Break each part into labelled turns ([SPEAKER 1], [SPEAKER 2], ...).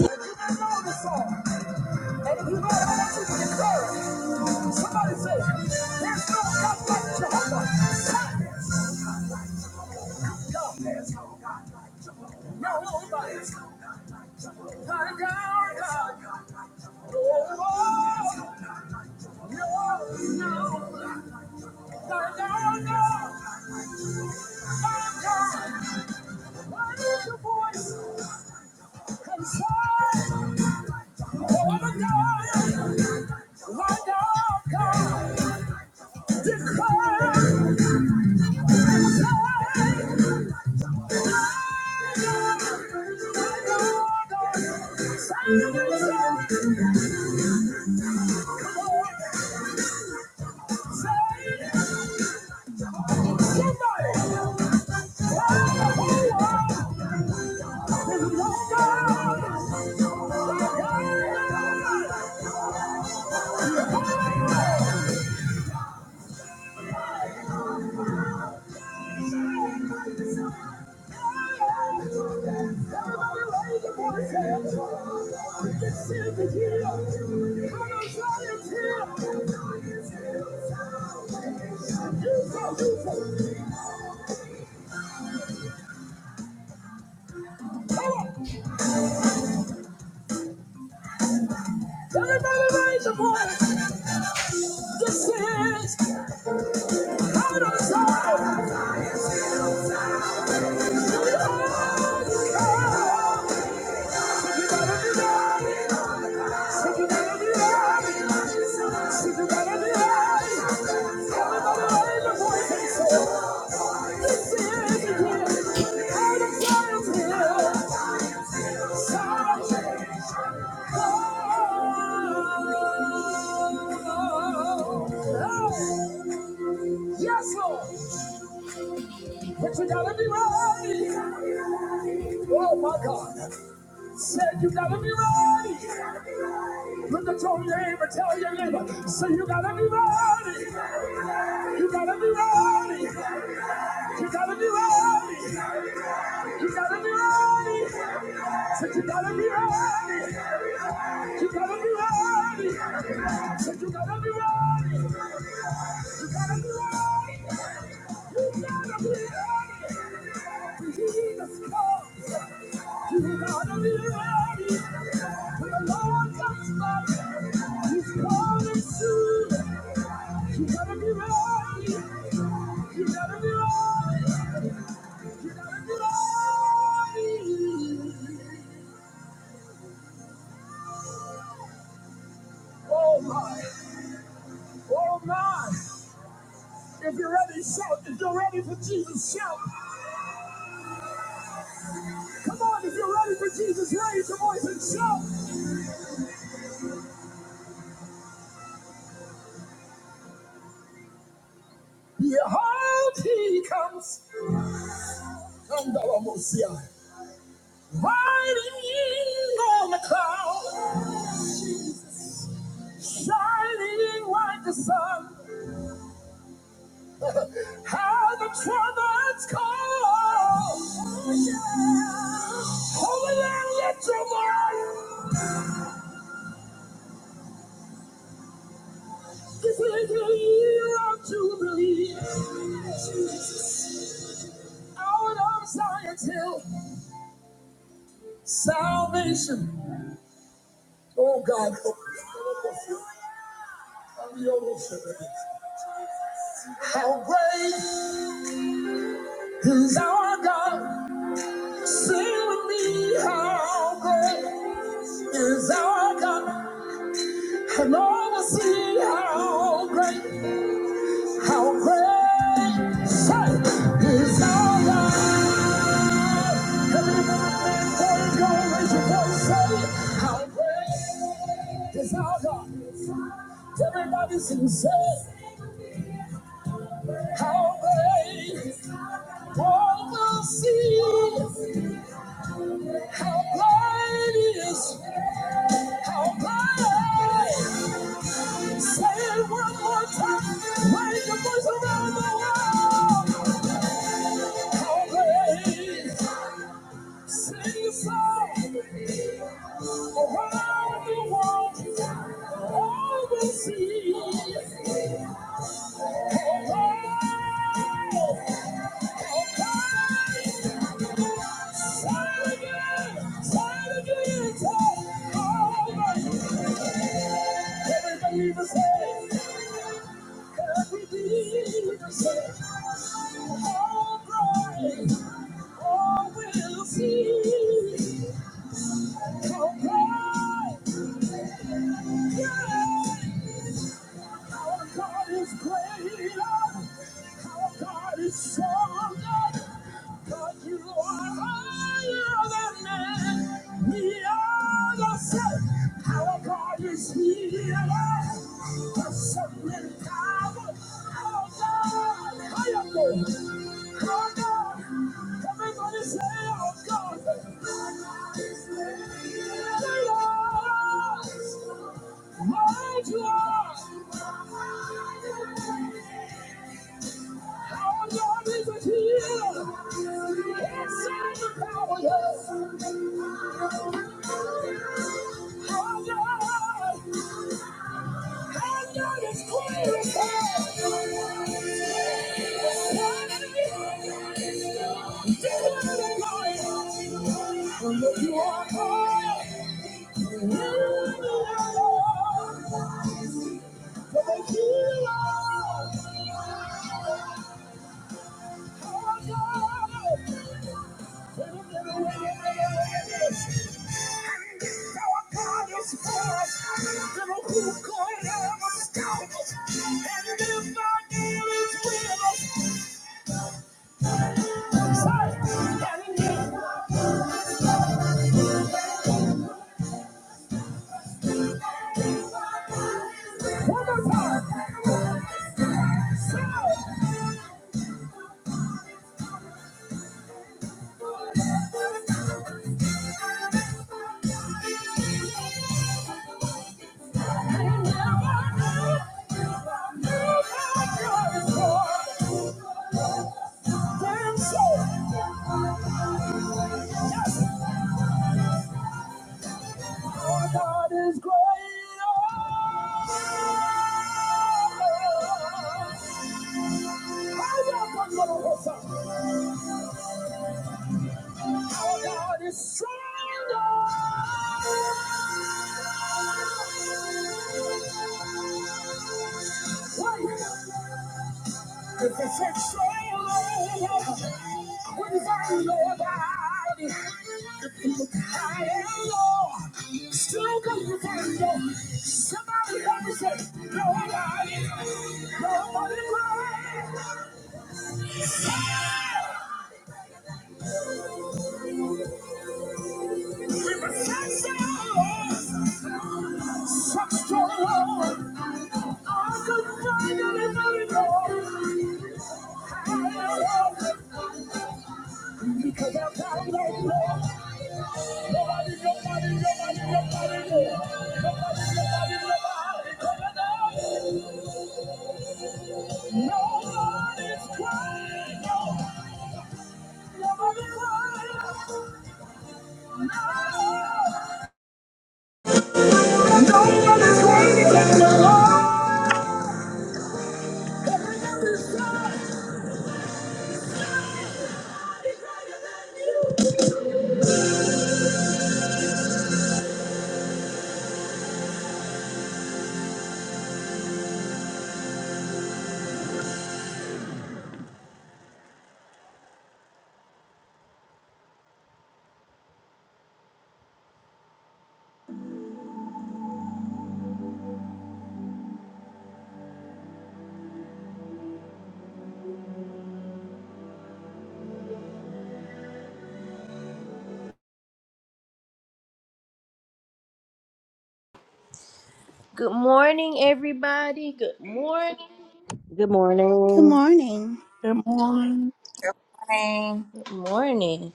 [SPEAKER 1] know the song. And if you know I want you to declare it. Somebody say, there's no God like Jehovah. Silence. God. There's no God like Jehovah. No, nobody. God, God, God. Oh, no, no. God, God, God. Oh, God. Why is your voice concerned? Oh, God. Somebody! Everybody raise your voice. This is out of sight. Yes, Lord. But you gotta be ready. Oh my God. Said you gotta be ready. Look at your neighbor, tell your neighbor. Say you gotta be ready. You gotta be ready. You gotta be ready. You gotta be ready. Said you gotta be ready. You gotta be ready. I said you gotta be ready. You gotta be ready. You gotta be ready. When Jesus comes, you gotta be ready. When the Lord comes back, He's coming soon. You gotta be ready. You gotta be ready. You gotta be ready. Oh my, oh my. If you're ready, shout. If you're ready for Jesus, shout. Come on, if you're ready for Jesus, raise your voice and shout. Behold, he comes. Andalamosia. Riding in on the cloud, shining like the sun. How the trumpets call. Yeah. Holy Land, let your voice. This is the year of Jubilee. Out of Zion's hill, salvation. Oh God, how great is our God? Sing with me, how great is our God? And all will see how great, how great say, is our God. Everybody sing, say, how great, All oh, see, how great is, how great, say it one more time, raise your voice around the world, how great. Sing a song around the world, overseas, around, around. Say it again, say it again, say it all over. Every believer say, every believer say, all right, all will see. Oh, God. Yeah. Our God is greater. Our God is stronger. God, you are higher than man. We are the same. Our God is healer. The sovereign power. Our God, higher than. Our God. Everybody say, our God. Our God is greater. Look, you are high. And if God is with us, And if with One more time. Shout. And now I know, know my God is Lord. Damn sure. Yes. Our God is great. I welcome you, Lord. Our God is stronger. If it takes so long, what if I know about it? If you look high and low, still couldn't find you. Somebody help me say, nobody, nobody cried. If it takes so long, such so long. like no. no. no. Good morning, everybody. Good morning.
[SPEAKER 2] Good
[SPEAKER 3] Good
[SPEAKER 2] morning.
[SPEAKER 3] morning.
[SPEAKER 4] Good morning,
[SPEAKER 5] Good morning.
[SPEAKER 1] Morning.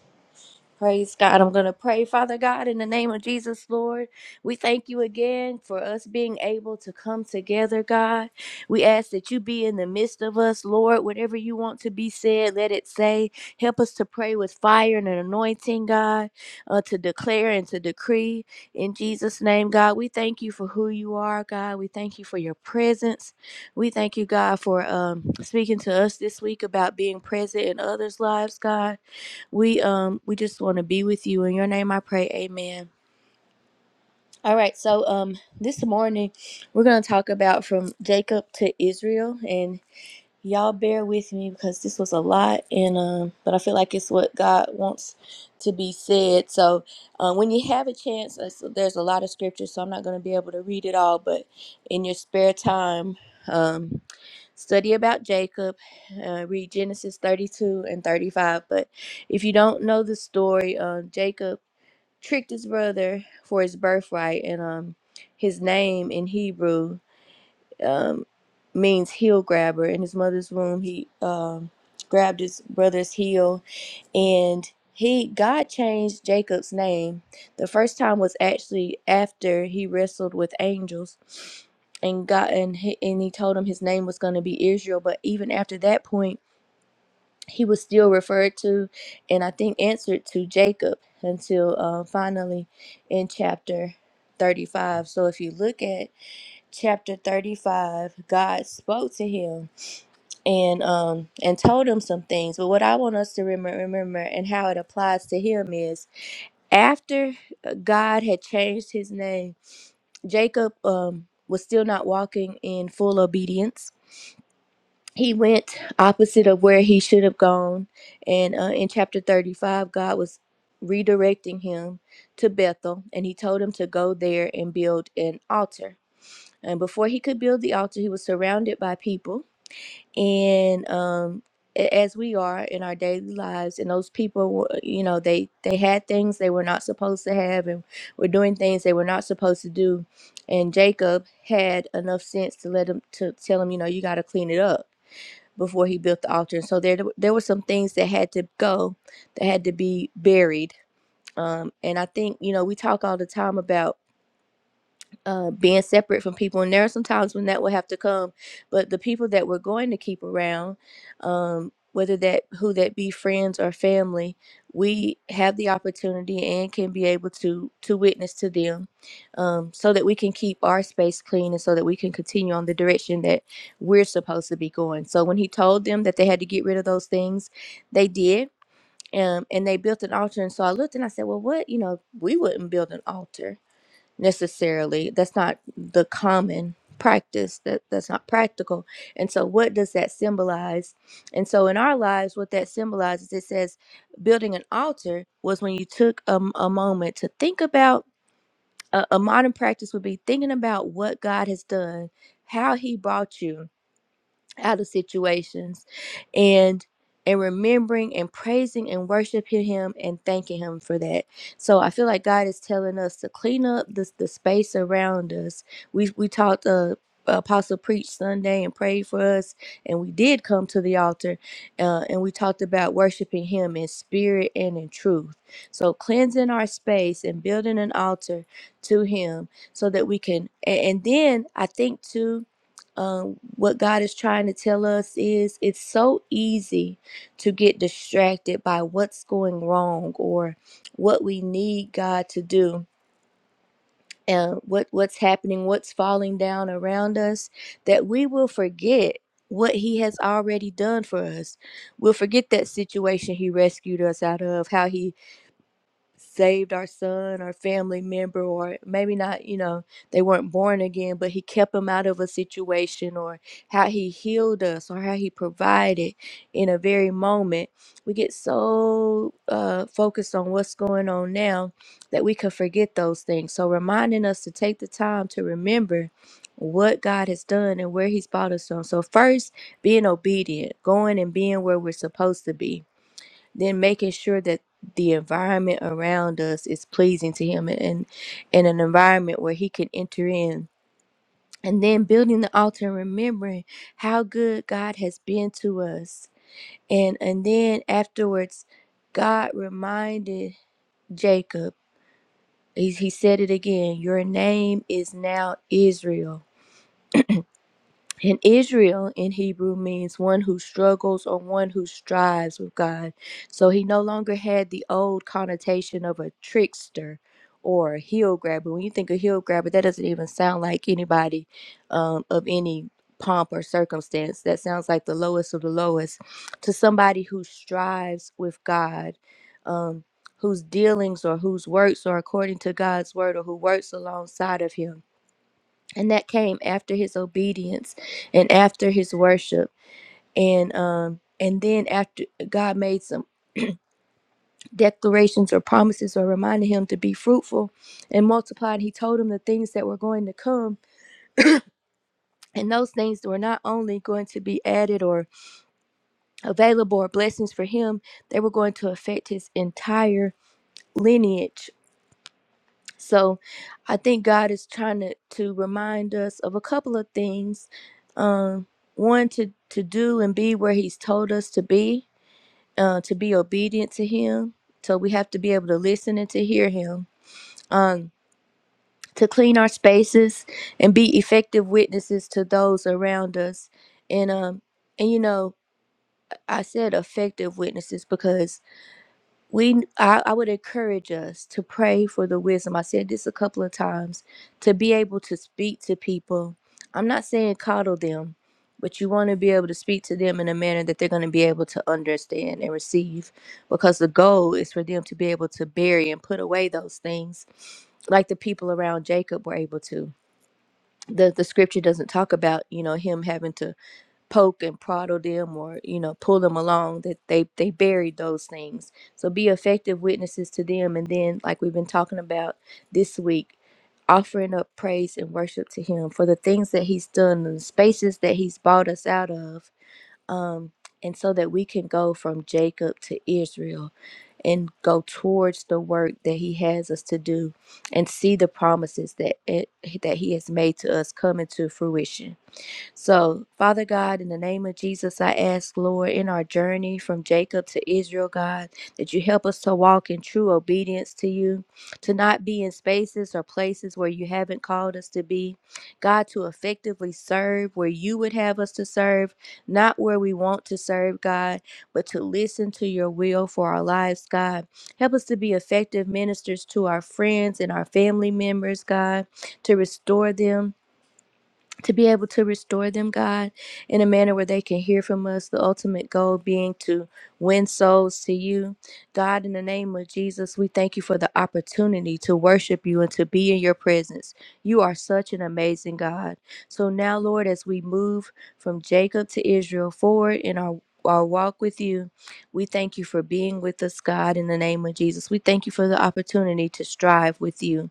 [SPEAKER 1] Praise God. I'm going to pray, Father God, in the name of Jesus, Lord. We thank you again for us being able to come together, God. We ask that you be in the midst of us, Lord. Whatever you want to be said, let it say. Help us to pray with fire and an anointing, God, uh, to declare and to decree. In Jesus' name, God, we thank you for who you are, God. We thank you for your presence. We thank you, God, for um, speaking to us this week about being present in others' lives, God we um we just want to be with you in your name i pray amen all right so um this morning we're going to talk about from jacob to israel and y'all bear with me because this was a lot and um but i feel like it's what god wants to be said so uh, when you have a chance uh, so there's a lot of scripture so i'm not going to be able to read it all but in your spare time um study about jacob uh, read genesis 32 and 35 but if you don't know the story uh, jacob tricked his brother for his birthright and um his name in hebrew um, means heel grabber. In his mother's womb, he um, grabbed his brother's heel, and he God changed Jacob's name. The first time was actually after he wrestled with angels, and God and he, and he told him his name was going to be Israel. But even after that point, he was still referred to, and I think answered to Jacob until uh, finally in chapter thirty-five. So if you look at chapter 35 god spoke to him and um and told him some things but what i want us to remember remember and how it applies to him is after uh, god had changed his name jacob um was still not walking in full obedience he went opposite of where he should have gone and uh, in chapter 35 god was redirecting him to bethel and he told him to go there and build an altar and before he could build the altar, he was surrounded by people, and um, as we are in our daily lives, and those people, were- you know, they they had things they were not supposed to have, and were doing things they were not supposed to do. And Jacob had enough sense to let him to tell him, you know, you got to clean it up before he built the altar. And so there there were some things that had to go, that had to be buried. Um, and I think you know we talk all the time about uh, being separate from people. And there are some times when that will have to come, but the people that we're going to keep around, um, whether that who that be friends or family, we have the opportunity and can be able to to witness to them, um, so that we can keep our space clean and so that we can continue on the direction that we're supposed to be going. So when he told them that they had to get rid of those things, they did. Um, and they built an altar, and so I looked and I said, "Well, what? You know, we wouldn't build an altar necessarily that's not the common practice that that's not practical and so what does that symbolize and so in our lives what that symbolizes it says building an altar was when you took a a moment to think about a, a modern practice would be thinking about what god has done how he brought you out of situations and and remembering and praising and worshiping him and thanking him for that. So I feel like God is telling us to clean up the, the space around us. We we talked uh apostle preached Sunday and prayed for us and we did come to the altar uh, and we talked about worshiping him in spirit and in truth. So cleansing our space and building an altar to him so that we can and, and then I think too um, what God is trying to tell us is it's so easy to get distracted by what's going wrong or what we need God to do and what what's happening, what's falling down around us, that we will forget what he has already done for us. We'll forget that situation he rescued us out of, how he saved our son or family member or maybe not you know they weren't born again but he kept them out of a situation or how he healed us or how he provided in a very moment we get so uh, focused on what's going on now that we could forget those things so reminding us to take the time to remember what god has done and where he's brought us from so first being obedient going and being where we're supposed to be then making sure that the environment around us is pleasing to him and, and and an environment where he can enter in and then building the altar and remembering how good god has been to us and and then afterwards god reminded jacob he, he said it again your name is now israel And Israel in Hebrew means one who struggles or one who strives with God. So he no longer had the old connotation of a trickster or a heel grabber. When you think of heel grabber, that doesn't even sound like anybody um, of any pomp or circumstance. That sounds like the lowest of the lowest to somebody who strives with God. Um, Whose dealings or whose works are according to God's word or who works alongside of Him and that came after his obedience and after his worship and um and then after god made some declarations or promises or reminded him to be fruitful and multiply and he told him the things that were going to come and those things were not only going to be added or available or blessings for him they were going to affect his entire lineage So I think God is trying to, to remind us of a couple of things. Um, one, to, to do and be where He's told us to be, uh, to be obedient to Him. So we have to be able to listen and to hear Him. Um, to clean our spaces and be effective witnesses to those around us. And, um, and you know, I said effective witnesses because. we I, I would encourage us to pray for the wisdom i said this a couple of times to be able to speak to people i'm not saying coddle them but you want to be able to speak to them in a manner that they're going to be able to understand and receive because the goal is for them to be able to bury and put away those things like the people around jacob were able to the, the scripture doesn't talk about you know him having to poke and prod them or you know pull them along that they they buried those things so be effective witnesses to them and then like we've been talking about this week offering up praise and worship to him for the things that he's done and the spaces that he's brought us out of um and so that we can go from jacob to israel and go towards the work that he has us to do and see the promises that it, that he has made to us come into fruition so, Father God, in the name of Jesus, I ask, Lord, in our journey from Jacob to Israel, God, that you help us to walk in true obedience to you, to not be in spaces or places where you haven't called us to be. God, to effectively serve where you would have us to serve, not where we want to serve, God, but to listen to your will for our lives, God. Help us to be effective ministers to our friends and our family members, God, to restore them to be able to restore them, God, in a manner where they can hear from us, the ultimate goal being to win souls to you. God, in the name of Jesus, we thank you for the opportunity to worship you and to be in your presence. You are such an amazing God. So now, Lord, as we move from Jacob to Israel forward in our our walk with you. We thank you for being with us, God, in the name of Jesus. We thank you for the opportunity to strive with you.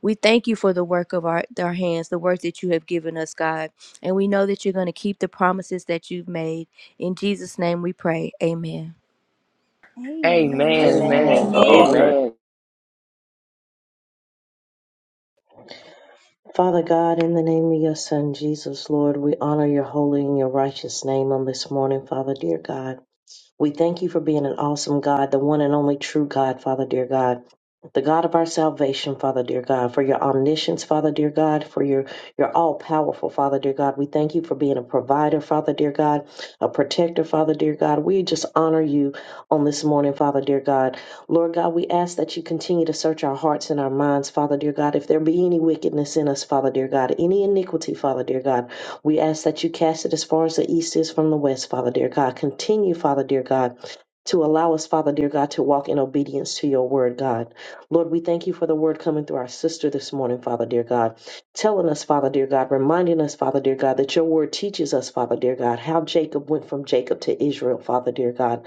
[SPEAKER 1] We thank you for the work of our, our hands, the work that you have given us, God. And we know that you're going to keep the promises that you've made. In Jesus' name we pray. Amen.
[SPEAKER 5] Amen.
[SPEAKER 3] Amen.
[SPEAKER 6] Amen, amen,
[SPEAKER 3] Amen.
[SPEAKER 2] Amen.
[SPEAKER 7] Amen.
[SPEAKER 4] Lord.
[SPEAKER 2] Amen.
[SPEAKER 6] amen,
[SPEAKER 2] Father God, in the name of your Son, Jesus, Lord, we honor your holy and your righteous name on this morning, Father, dear God. We thank you for being an awesome God, the one and only true God, Father dear God. The God of our salvation, Father dear God, for your omniscience, Father dear God, for your, your all powerful, Father dear God. We thank you for being a provider, Father dear God, a protector, Father dear God. We just honor you on this morning, Father dear God. Lord God, we ask that you continue to search our hearts and our minds, Father dear God. If there be any wickedness in us, Father dear God, any iniquity, Father dear God, we ask that you cast it as far as the east is from the west, Father dear God. Continue, Father dear God, to allow us, Father dear God, to walk in obedience to your word, God. Lord, we thank you for the word coming through our sister this morning, Father dear God, telling us, Father dear God, reminding us, Father dear God, that your word teaches us, Father dear God, how Jacob went from Jacob to Israel, Father dear God.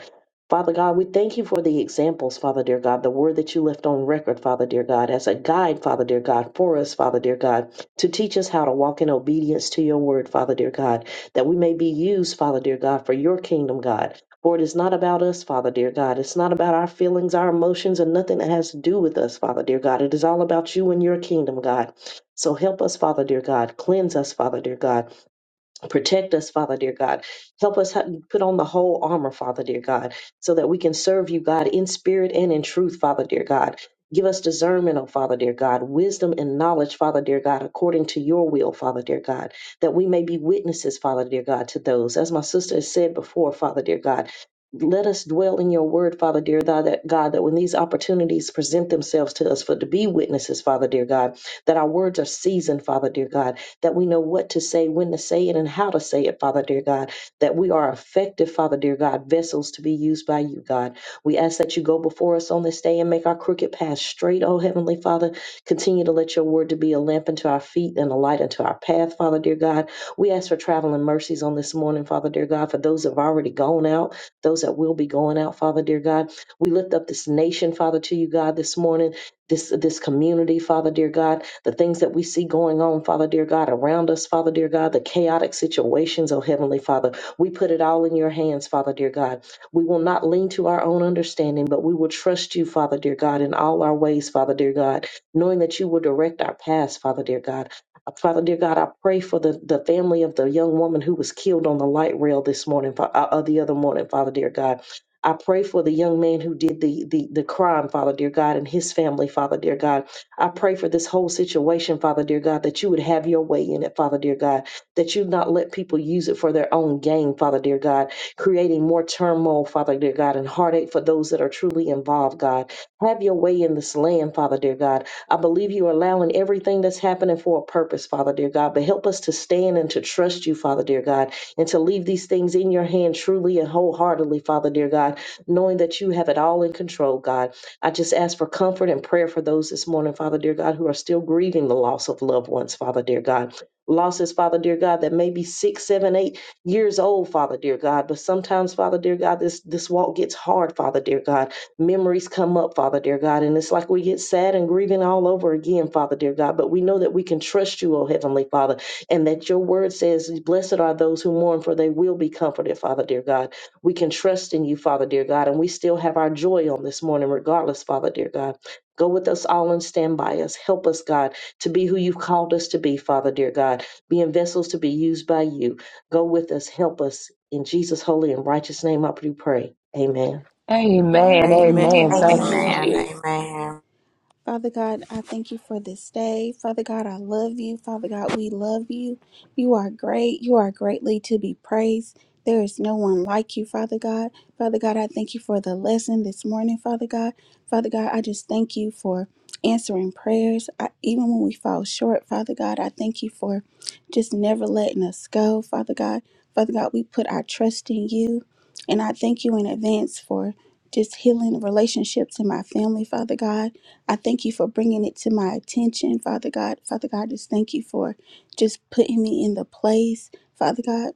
[SPEAKER 2] Father God, we thank you for the examples, Father dear God, the word that you left on record, Father dear God, as a guide, Father dear God, for us, Father dear God to teach us how to walk in obedience to your word, Father dear God, that we may be used, Father dear God, for your kingdom, God. For it is not about us, Father dear God. It's not about our feelings, our emotions, and nothing that has to do with us, Father dear God. It is all about you and your kingdom, God. So help us, Father dear God. Cleanse us, Father dear God. Protect us, Father dear God. Help us ha- put on the whole armor, Father dear God, so that we can serve you, God, in spirit and in truth, Father dear God. Give us discernment, oh Father dear God, wisdom and knowledge, Father dear God, according to your will, Father dear God, that we may be witnesses, Father dear God, to those. As my sister has said before, Father dear God, let us dwell in your word, Father dear God, that God, that when these opportunities present themselves to us for to be witnesses, Father dear God, that our words are seasoned, Father dear God, that we know what to say, when to say it, and how to say it, Father dear God, that we are effective, Father dear God, vessels to be used by you, God. We ask that you go before us on this day and make our crooked path straight, oh Heavenly Father. Continue to let your word to be a lamp unto our feet and a light unto our path, Father dear God. We ask for traveling mercies on this morning, Father dear God, for those that have already gone out, those that will be going out, Father dear God. We lift up this nation, Father, to you, God, this morning this this community, Father dear God, the things that we see going on, Father dear God, around us, Father dear God, the chaotic situations, oh Heavenly Father. We put it all in your hands, Father dear God. We will not lean to our own understanding, but we will trust you, Father dear God, in all our ways, Father dear God, knowing that you will direct our paths, Father dear God. Uh, Father dear God, I pray for the, the family of the young woman who was killed on the light rail this morning, Fa- uh, uh, the other morning, Father dear God. I pray for the young man who did the, the the crime, Father dear God, and his family, Father dear God. I pray for this whole situation, Father dear God, that you would have your way in it, Father dear God, that you'd not let people use it for their own gain, Father dear God, creating more turmoil, Father dear God, and heartache for those that are truly involved, God. Have your way in this land, Father dear God. I believe you are allowing everything that's happening for a purpose, Father dear God, but help us to stand and to trust you, Father dear God, and to leave these things in your hand truly and wholeheartedly, Father dear God knowing that you have it all in control, God. I just ask for comfort and prayer for those this morning, Father, dear God, who are still grieving the loss of loved ones, Father, dear God. Losses, Father, dear God, that may be six, seven, eight years old, Father, dear God. But sometimes, Father, dear God, this, this walk gets hard, Father, dear God. Memories come up, Father, dear God. And it's like we get sad and grieving all over again, Father, dear God. But we know that we can trust you, O Heavenly Father, and that your word says, Blessed are those who mourn, for they will be comforted, Father, dear God. We can trust in you, Father, dear God, and we still have our joy on this morning, regardless, Father, dear God. Go with us all and stand by us. Help us, God, to be who you've called us to be, Father, dear God, being vessels to be used by you. Go with us. Help us. In Jesus' holy and righteous name, I do pray. Amen.
[SPEAKER 6] amen,
[SPEAKER 3] Amen.
[SPEAKER 6] amen.
[SPEAKER 7] Amen.
[SPEAKER 6] Thank you,
[SPEAKER 3] Amen.
[SPEAKER 5] Amen.
[SPEAKER 6] Jesus.
[SPEAKER 5] Amen.
[SPEAKER 3] Father God, I thank you for this day. Father God, I love you. Father God, we love you. You are great. You are greatly to be praised. There is no one like you, Father God. Father God, I thank you for the lesson this morning, Father God. Father God, I just thank you for answering prayers. I, even when we fall short, Father God, I thank you for just never letting us go, Father God. Father God, we put our trust in you. And I thank you in advance for just healing relationships in my family, Father God. I thank you for bringing it to my attention, Father God. Father God, just thank you for just putting me in the place, Father God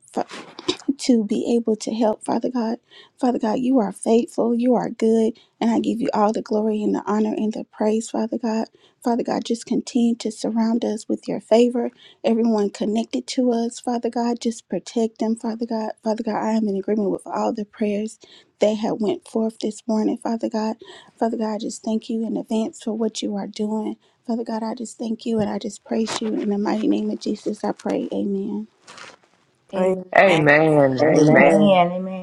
[SPEAKER 3] to be able to help, Father God. Father God, you are faithful, you are good, and I give you all the glory and the honor and the praise, Father God. Father God, just continue to surround us with your favor. Everyone connected to us, Father God, just protect them, Father God. Father God, I am in agreement with all the prayers that have went forth this morning, Father God. Father God, I just thank you in advance for what you are doing. Father God, I just thank you and I just praise you. In the mighty name of Jesus, I pray. Amen.
[SPEAKER 4] Amen.
[SPEAKER 5] Amen.
[SPEAKER 6] Amen, amen,
[SPEAKER 2] Amen.
[SPEAKER 7] Amen. Amen.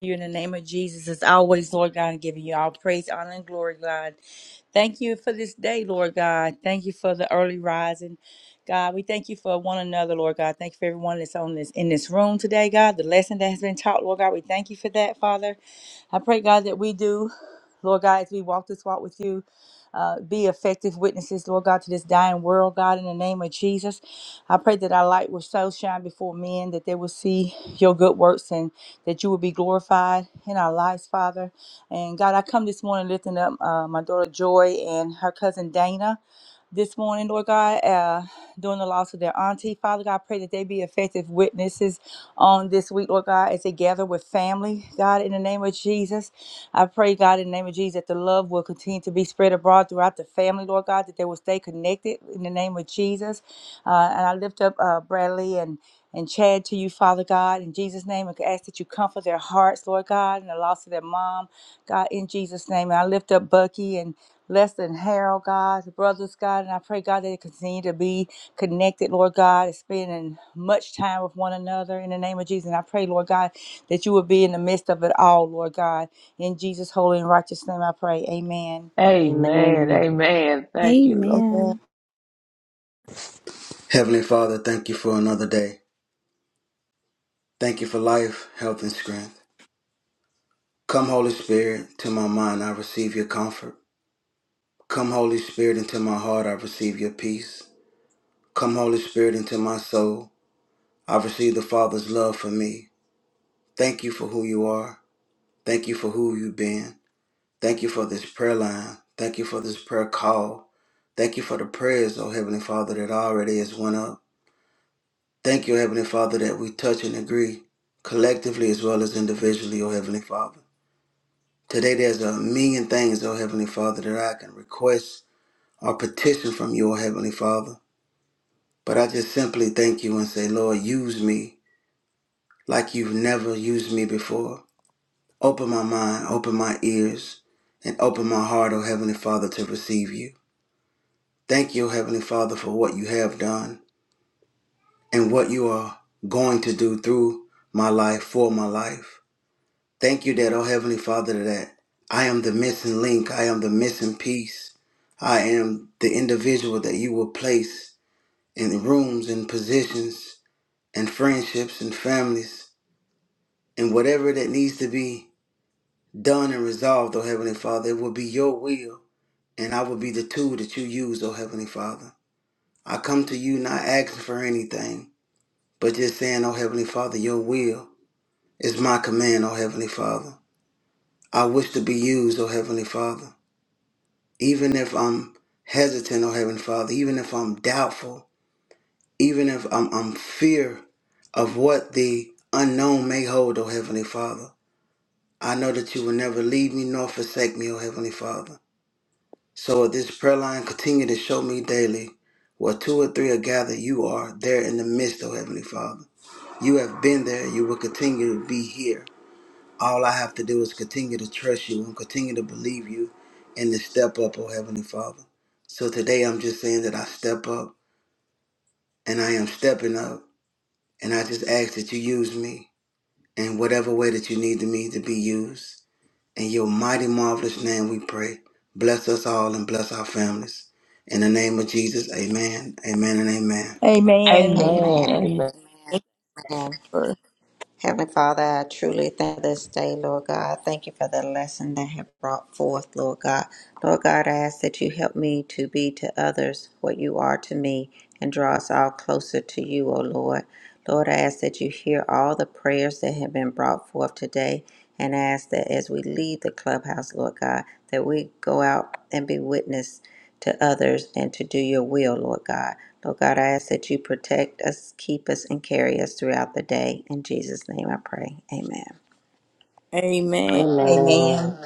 [SPEAKER 7] you in the name of Jesus. As always, Lord God, giving you all praise, honor, and glory, God. Thank you for this day, Lord God. Thank you for the early rising. God, we thank you for one another, Lord God. Thank you for everyone that's on this in this room today, God. The lesson that has been taught, Lord God, we thank you for that, Father. I pray, God, that we do, Lord God, as we walk this walk with you, uh, be effective witnesses, Lord God, to this dying world, God, in the name of Jesus. I pray that our light will so shine before men that they will see your good works and that you would be glorified in our lives, Father. And God, I come this morning lifting up uh, my daughter Joy and her cousin Dana this morning, Lord God, uh, during the loss of their auntie. Father God, I pray that they be effective witnesses on this week, Lord God, as they gather with family, God, in the name of Jesus. I pray, God, in the name of Jesus, that the love will continue to be spread abroad throughout the family, Lord God, that they will stay connected in the name of Jesus. Uh, and I lift up uh, Bradley and and Chad to you, Father God, in Jesus' name. I ask that you comfort their hearts, Lord God, and the loss of their mom, God, in Jesus' name. And I lift up Bucky and Lester and Harold, God, the brothers, God, and I pray, God, that they continue to be connected, Lord God, and spending much time with one another in the name of Jesus. And I pray, Lord God, that you will be in the midst of it all, Lord God. In Jesus' holy and righteous name, I pray. Amen.
[SPEAKER 6] amen,
[SPEAKER 2] Amen.
[SPEAKER 6] amen. Thank you, Lord.
[SPEAKER 1] Amen.
[SPEAKER 3] Amen.
[SPEAKER 8] Heavenly Father, thank you for another day. Thank you for life, health, and strength. Come, Holy Spirit, to my mind, I receive your comfort. Come, Holy Spirit, into my heart, I receive your peace. Come, Holy Spirit, into my soul, I receive the Father's love for me. Thank you for who you are. Thank you for who you've been. Thank you for this prayer line. Thank you for this prayer call. Thank you for the prayers, oh Heavenly Father, that already has went up. Thank you, Heavenly Father, that we touch and agree collectively as well as individually, oh Heavenly Father. Today there's a million things, oh Heavenly Father, that I can request or petition from you, oh Heavenly Father. But I just simply thank you and say, Lord, use me like you've never used me before. Open my mind, open my ears, and open my heart, oh Heavenly Father, to receive you. Thank you, oh Heavenly Father, for what you have done and what you are going to do through my life, for my life. Thank you that, oh Heavenly Father, that I am the missing link. I am the missing piece. I am the individual that you will place in rooms and positions and friendships and families and whatever that needs to be done and resolved, oh Heavenly Father. It will be your will and I will be the tool that you use, oh Heavenly Father. I come to you not asking for anything, but just saying, oh Heavenly Father, your will is my command, oh Heavenly Father. I wish to be used, oh Heavenly Father. even if I'm hesitant, oh Heavenly Father, even if I'm doubtful, even if I'm, I'm fear of what the unknown may hold, oh Heavenly Father, I know that you will never leave me nor forsake me, oh Heavenly Father. So at this prayer line continue to show me daily where two or three are gathered, you are there in the midst, oh Heavenly Father. You have been there, you will continue to be here. All I have to do is continue to trust you and continue to believe you and to step up, oh Heavenly Father. So today I'm just saying that I step up and I am stepping up and I just ask that you use me in whatever way that you need me to be used. In your mighty, marvelous name we pray. Bless us all and bless our families. In the name of Jesus, amen, amen, and amen.
[SPEAKER 5] Amen.
[SPEAKER 7] Amen.
[SPEAKER 1] Amen.
[SPEAKER 6] Amen,
[SPEAKER 5] Amen.
[SPEAKER 6] amen,
[SPEAKER 5] Amen.
[SPEAKER 4] Lord.
[SPEAKER 5] Heavenly Father, I truly thank this day, Lord God. Thank you for the lesson that have brought forth, Lord God. Lord God, I ask that you help me to be to others what you are to me and draw us all closer to you, O Lord. Lord, I ask that you hear all the prayers that have been brought forth today and I ask that as we leave the clubhouse, Lord God, that we go out and be witness to others and to do your will, Lord God. Lord God, I ask that you protect us, keep us, and carry us throughout the day. In Jesus' name I pray. Amen.
[SPEAKER 4] Amen.
[SPEAKER 2] Amen.
[SPEAKER 7] Amen.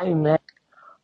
[SPEAKER 6] amen,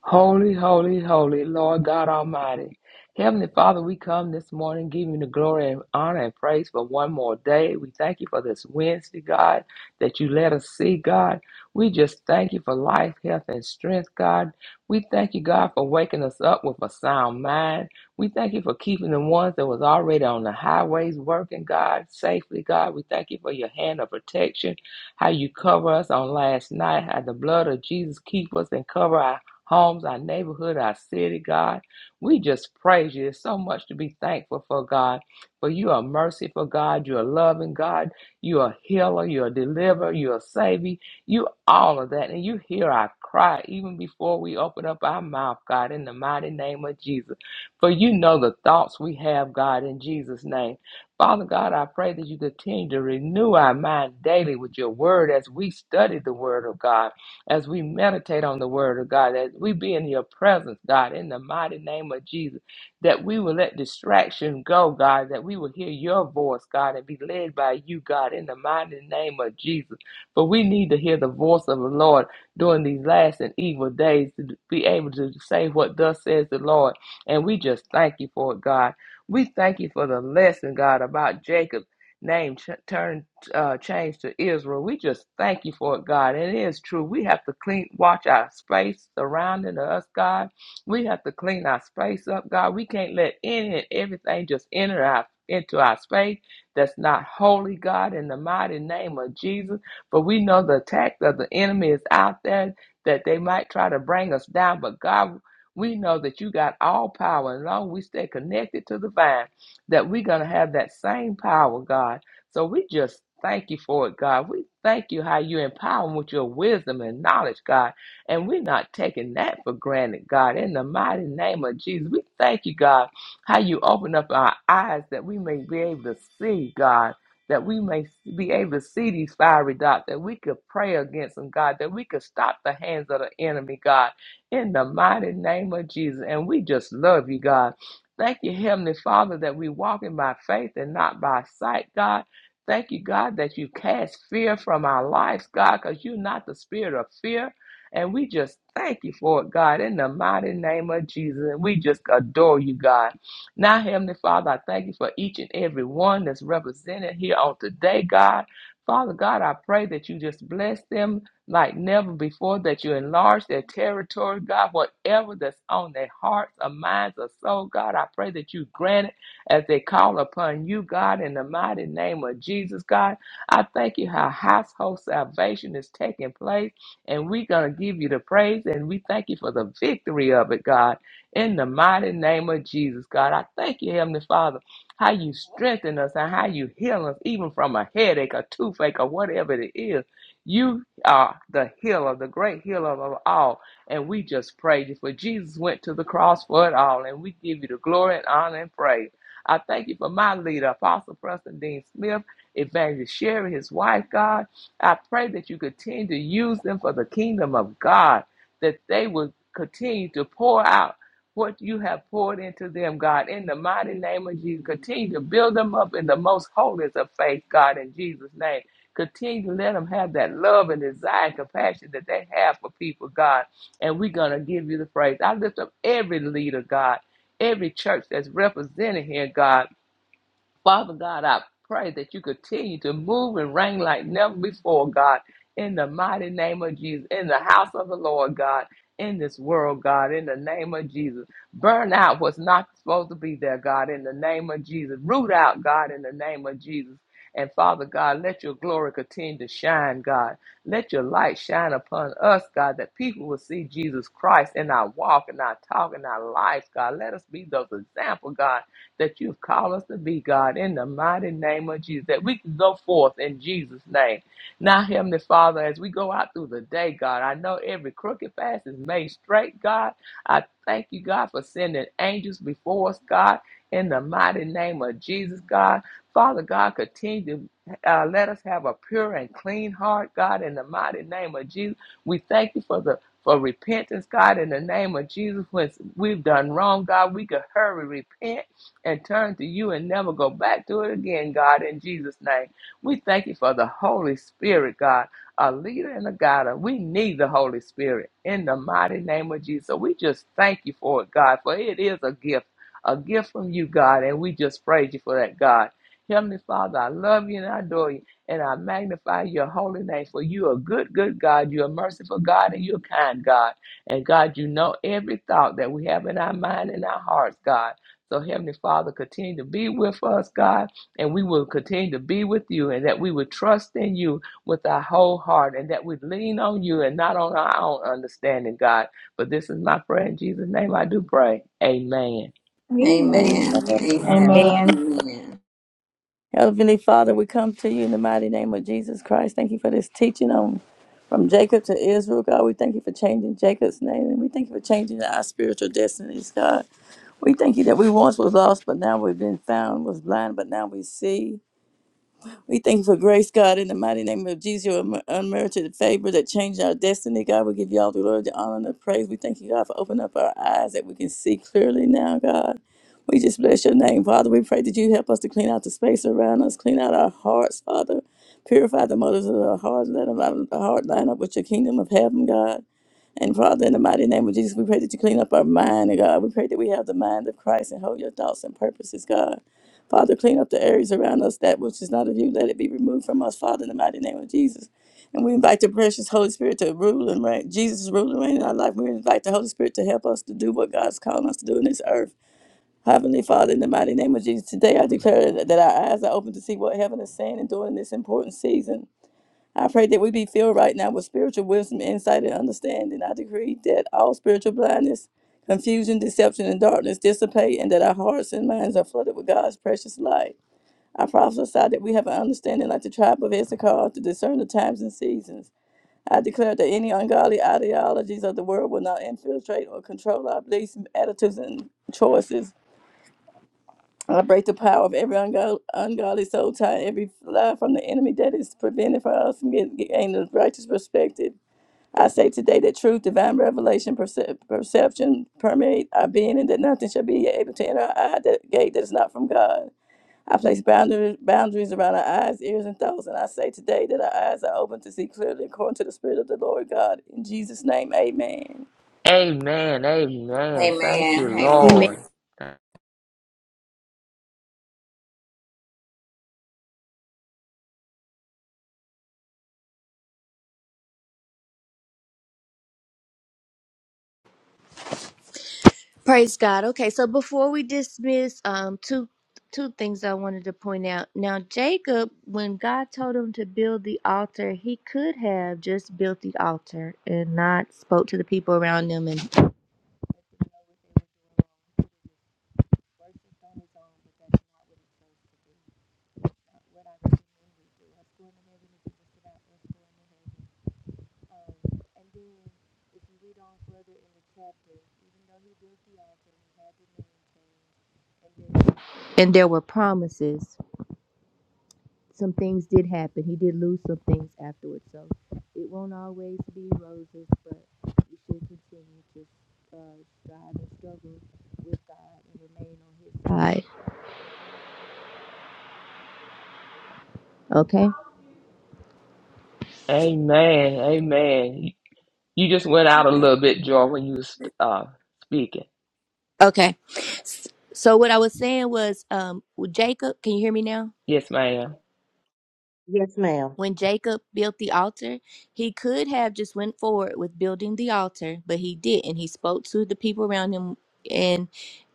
[SPEAKER 6] Holy, holy, holy, Lord God Almighty. Heavenly Father, we come this morning giving you the glory and honor and praise for one more day. We thank you for this Wednesday, God, that you let us see, God. We just thank you for life, health, and strength, God. We thank you, God, for waking us up with a sound mind. We thank you for keeping the ones that was already on the highways working, God, safely, God. We thank you for your hand of protection, how you cover us on last night, how the blood of Jesus keep us and cover our homes, our neighborhood, our city, God. We just praise you. There's so much to be thankful for, God. For you are merciful, God. You are loving, God. You are healer. You are deliverer. You are savior. You all of that. And you hear our cry even before we open up our mouth, God, in the mighty name of Jesus. For you know the thoughts we have, God, in Jesus' name. Father God, I pray that you continue to renew our mind daily with your word as we study the word of God as we meditate on the word of God, as we be in your presence, God, in the mighty name of Jesus, that we will let distraction go, God, that we will hear your voice, God, and be led by you, God, in the mighty name of Jesus. For we need to hear the voice of the Lord during these last and evil days to be able to say what thus says the Lord. And we just thank you for it, God. We thank you for the lesson, God, about Jacob. Name ch- turned uh, changed to Israel. We just thank you for it, God. And it is true. We have to clean, watch our space surrounding us, God. We have to clean our space up, God. We can't let any and everything just enter our into our space that's not holy, God, in the mighty name of Jesus. But we know the attack of the enemy is out there that they might try to bring us down. But God, we know that you got all power. And long we stay connected to the vine, that we're going to have that same power, God so we just thank you for it, God. We thank you how you empower them with your wisdom and knowledge, God. And we're not taking that for granted, God. In the mighty name of Jesus, we thank you, God, how you open up our eyes that we may be able to see, God. That we may be able to see these fiery dots, that we could pray against them, God, that we could stop the hands of the enemy, God, in the mighty name of Jesus. And we just love you, God. Thank you, Heavenly Father, that we walk in by faith and not by sight, God Thank you, God, that you cast fear from our lives, God, because you're not the spirit of fear. And we just thank you for it, God, in the mighty name of Jesus. And we just adore you, God. Now, Heavenly Father, I thank you for each and every one that's represented here on today, God. Father God, I pray that you just bless them like never before, that you enlarge their territory, God, whatever that's on their hearts or minds or soul, God, I pray that you grant it as they call upon you, God, in the mighty name of Jesus, God. I thank you how household salvation is taking place, and we're going to give you the praise, and we thank you for the victory of it, God, in the mighty name of Jesus, God. I thank you, Heavenly Father, how you strengthen us and how you heal us, even from a headache, a toothache, or whatever it is. You are the healer, the great healer of all. And we just praise you for Jesus went to the cross for it all. And we give you the glory and honor and praise. I thank you for my leader, Apostle Preston Dean Smith, Evangelist Sherry, his wife, God. I pray that you continue to use them for the kingdom of God, that they will continue to pour out what you have poured into them, God, in the mighty name of Jesus. Continue to build them up in the most holiest of faith, God, in Jesus' name. Continue to let them have that love and desire and compassion that they have for people, God. And we're going to give you the praise. I lift up every leader, God every church that's represented here, God. Father God, I pray that you continue to move and reign like never before, God, in the mighty name of Jesus, in the house of the Lord, God, in this world, God, in the name of Jesus. Burn out what's not supposed to be there, God, in the name of Jesus. Root out, God, in the name of Jesus. And Father God, let your glory continue to shine, God. Let your light shine upon us, God, that people will see Jesus Christ in our walk, in our talk, in our life, God. Let us be those example, God, that you've called us to be, God, in the mighty name of Jesus, that we can go forth in Jesus' name. Now, Heavenly Father, as we go out through the day, God, I know every crooked path is made straight, God. I thank you, God, for sending angels before us, God, in the mighty name of Jesus, God. Father God, continue to uh, let us have a pure and clean heart, God, in the mighty name of Jesus. We thank you for the for repentance, God, in the name of Jesus. When we've done wrong, God, we could hurry repent and turn to you and never go back to it again, God, in Jesus' name. We thank you for the Holy Spirit, God, a leader and a guider. We need the Holy Spirit in the mighty name of Jesus. So we just thank you for it, God, for it is a gift, a gift from you, God, and we just praise you for that, God. Heavenly Father, I love you and I adore you, and I magnify your holy name, for you are good, good God. You are merciful God, and you're kind God. And God, you know every thought that we have in our mind and our hearts, God. So, Heavenly Father, continue to be with us, God, and we will continue to be with you, and that we would trust in you with our whole heart, and that we lean on you and not on our own understanding, God. But this is my prayer in Jesus' name. I do pray. Amen.
[SPEAKER 4] Amen.
[SPEAKER 5] Amen.
[SPEAKER 3] Amen.
[SPEAKER 5] Amen.
[SPEAKER 2] Amen.
[SPEAKER 1] Amen.
[SPEAKER 7] Amen.
[SPEAKER 5] Amen.
[SPEAKER 4] Heavenly Father, we come to you in the mighty name of Jesus Christ. Thank you for this teaching on from Jacob to Israel, God. We thank you for changing Jacob's name, and we thank you for changing our spiritual destinies, God. We thank you that we once was lost, but now we've been found, was blind, but now we see. We thank you for grace, God, in the mighty name of Jesus, your unmer- unmerited favor that changed our destiny. God, we give you all the glory, the honor, and the praise. We thank you, God, for opening up our eyes that we can see clearly now, God. We just bless your name, Father. We pray that you help us to clean out the space around us, clean out our hearts, Father. Purify the motives of our hearts, let them out of the heart line up with your kingdom of heaven, God. And Father, in the mighty name of Jesus, we pray that you clean up our mind, and God. We pray that we have the mind of Christ and hold your thoughts and purposes, God. Father, clean up the areas around us that which is not of you. Let it be removed from us, Father, in the mighty name of Jesus. And we invite the precious Holy Spirit to rule and reign. Jesus is ruling and reign in our life. We invite the Holy Spirit to help us to do what God's calling us to do in this earth. Heavenly Father, in the mighty name of Jesus, today I declare that that our eyes are open to see what heaven is saying and doing in this important season. I pray that we be filled right now with spiritual wisdom, insight, and understanding. I decree that all spiritual blindness, confusion, deception, and darkness dissipate, and that our hearts and minds are flooded with God's precious light. I prophesy that we have an understanding like the tribe of Issachar to discern the times and seasons. I declare that any ungodly ideologies of the world will not infiltrate or control our beliefs, attitudes, and choices. I break the power of every ungo- ungodly soul tie, every lie from the enemy that is prevented for us from getting, getting the righteous perspective. I say today that truth, divine revelation, percep- perception permeate our being, and that nothing shall be able to enter our eye that gate that is not from God. I place boundaries, boundaries around our eyes, ears, and thoughts, and I say today that our eyes are open to see clearly according to the Spirit of the Lord God. In Jesus' name, amen.
[SPEAKER 6] Amen.
[SPEAKER 5] Amen.
[SPEAKER 6] Amen. Thank you,
[SPEAKER 1] Amen.
[SPEAKER 5] Amen.
[SPEAKER 6] Lord.
[SPEAKER 1] Praise God. Okay, so before we dismiss, um, two two things I wanted to point out. Now, Jacob, when God told him to build the altar, he could have just built the altar and not spoke to the people around him and And then, if you read on further in the chapter, even though he built the altar and he had the name changed, and there, and there were promises, some things did happen. He did lose some things afterwards. So it won't always be roses, but you should continue to uh, strive and still fight. Okay.
[SPEAKER 6] Amen. Amen. You just went out a little bit, Joy, when you was uh, speaking.
[SPEAKER 1] Okay. S- So what I was saying was, um, with Jacob, can you hear me now?
[SPEAKER 6] Yes, ma'am.
[SPEAKER 2] Yes, ma'am.
[SPEAKER 1] when Jacob built the altar, he could have just went forward with building the altar, but he didn't. He spoke to the people around him and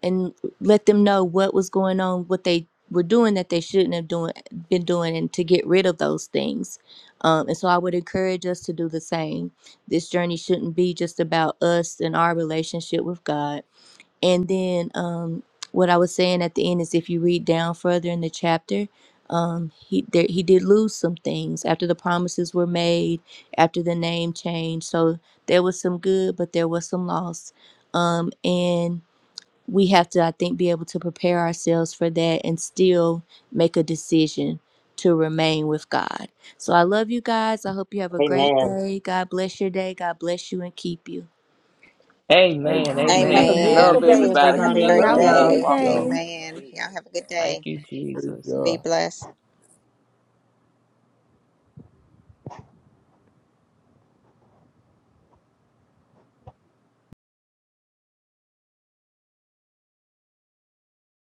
[SPEAKER 1] and let them know what was going on, what they were doing that they shouldn't have doing been doing, and to get rid of those things. Um, and so I would encourage us to do the same. This journey shouldn't be just about us and our relationship with God and then um, what I was saying at the end is if you read down further in the chapter, um, he there, he did lose some things after the promises were made, after the name change. So there was some good, but there was some loss. Um, and we have to, I think, be able to prepare ourselves for that and still make a decision to remain with God. So I love you guys. I hope you have a great
[SPEAKER 2] Amen.
[SPEAKER 1] day. God bless your day. God bless you and keep you.
[SPEAKER 6] Amen.
[SPEAKER 9] Amen.
[SPEAKER 2] Have a
[SPEAKER 6] Amen. I
[SPEAKER 3] Amen.
[SPEAKER 5] Amen.
[SPEAKER 2] beautiful
[SPEAKER 6] love
[SPEAKER 5] Pray
[SPEAKER 2] day,
[SPEAKER 5] that
[SPEAKER 3] Thanks.
[SPEAKER 6] everybody.
[SPEAKER 5] y'all have a
[SPEAKER 2] everybody. I
[SPEAKER 3] Amen.
[SPEAKER 6] Continue to
[SPEAKER 5] great
[SPEAKER 2] love
[SPEAKER 3] Y'all
[SPEAKER 6] be
[SPEAKER 9] God
[SPEAKER 3] have a
[SPEAKER 2] y'all.
[SPEAKER 6] blessed.
[SPEAKER 5] day.
[SPEAKER 3] good
[SPEAKER 9] bless
[SPEAKER 6] Walking in
[SPEAKER 9] y'all.
[SPEAKER 3] day.
[SPEAKER 6] the name of
[SPEAKER 5] Amen.
[SPEAKER 6] Jesus.
[SPEAKER 5] Y'all have a good
[SPEAKER 6] Thank
[SPEAKER 5] day.
[SPEAKER 6] you,
[SPEAKER 9] Praise
[SPEAKER 6] Jesus.
[SPEAKER 9] God.
[SPEAKER 5] Be blessed.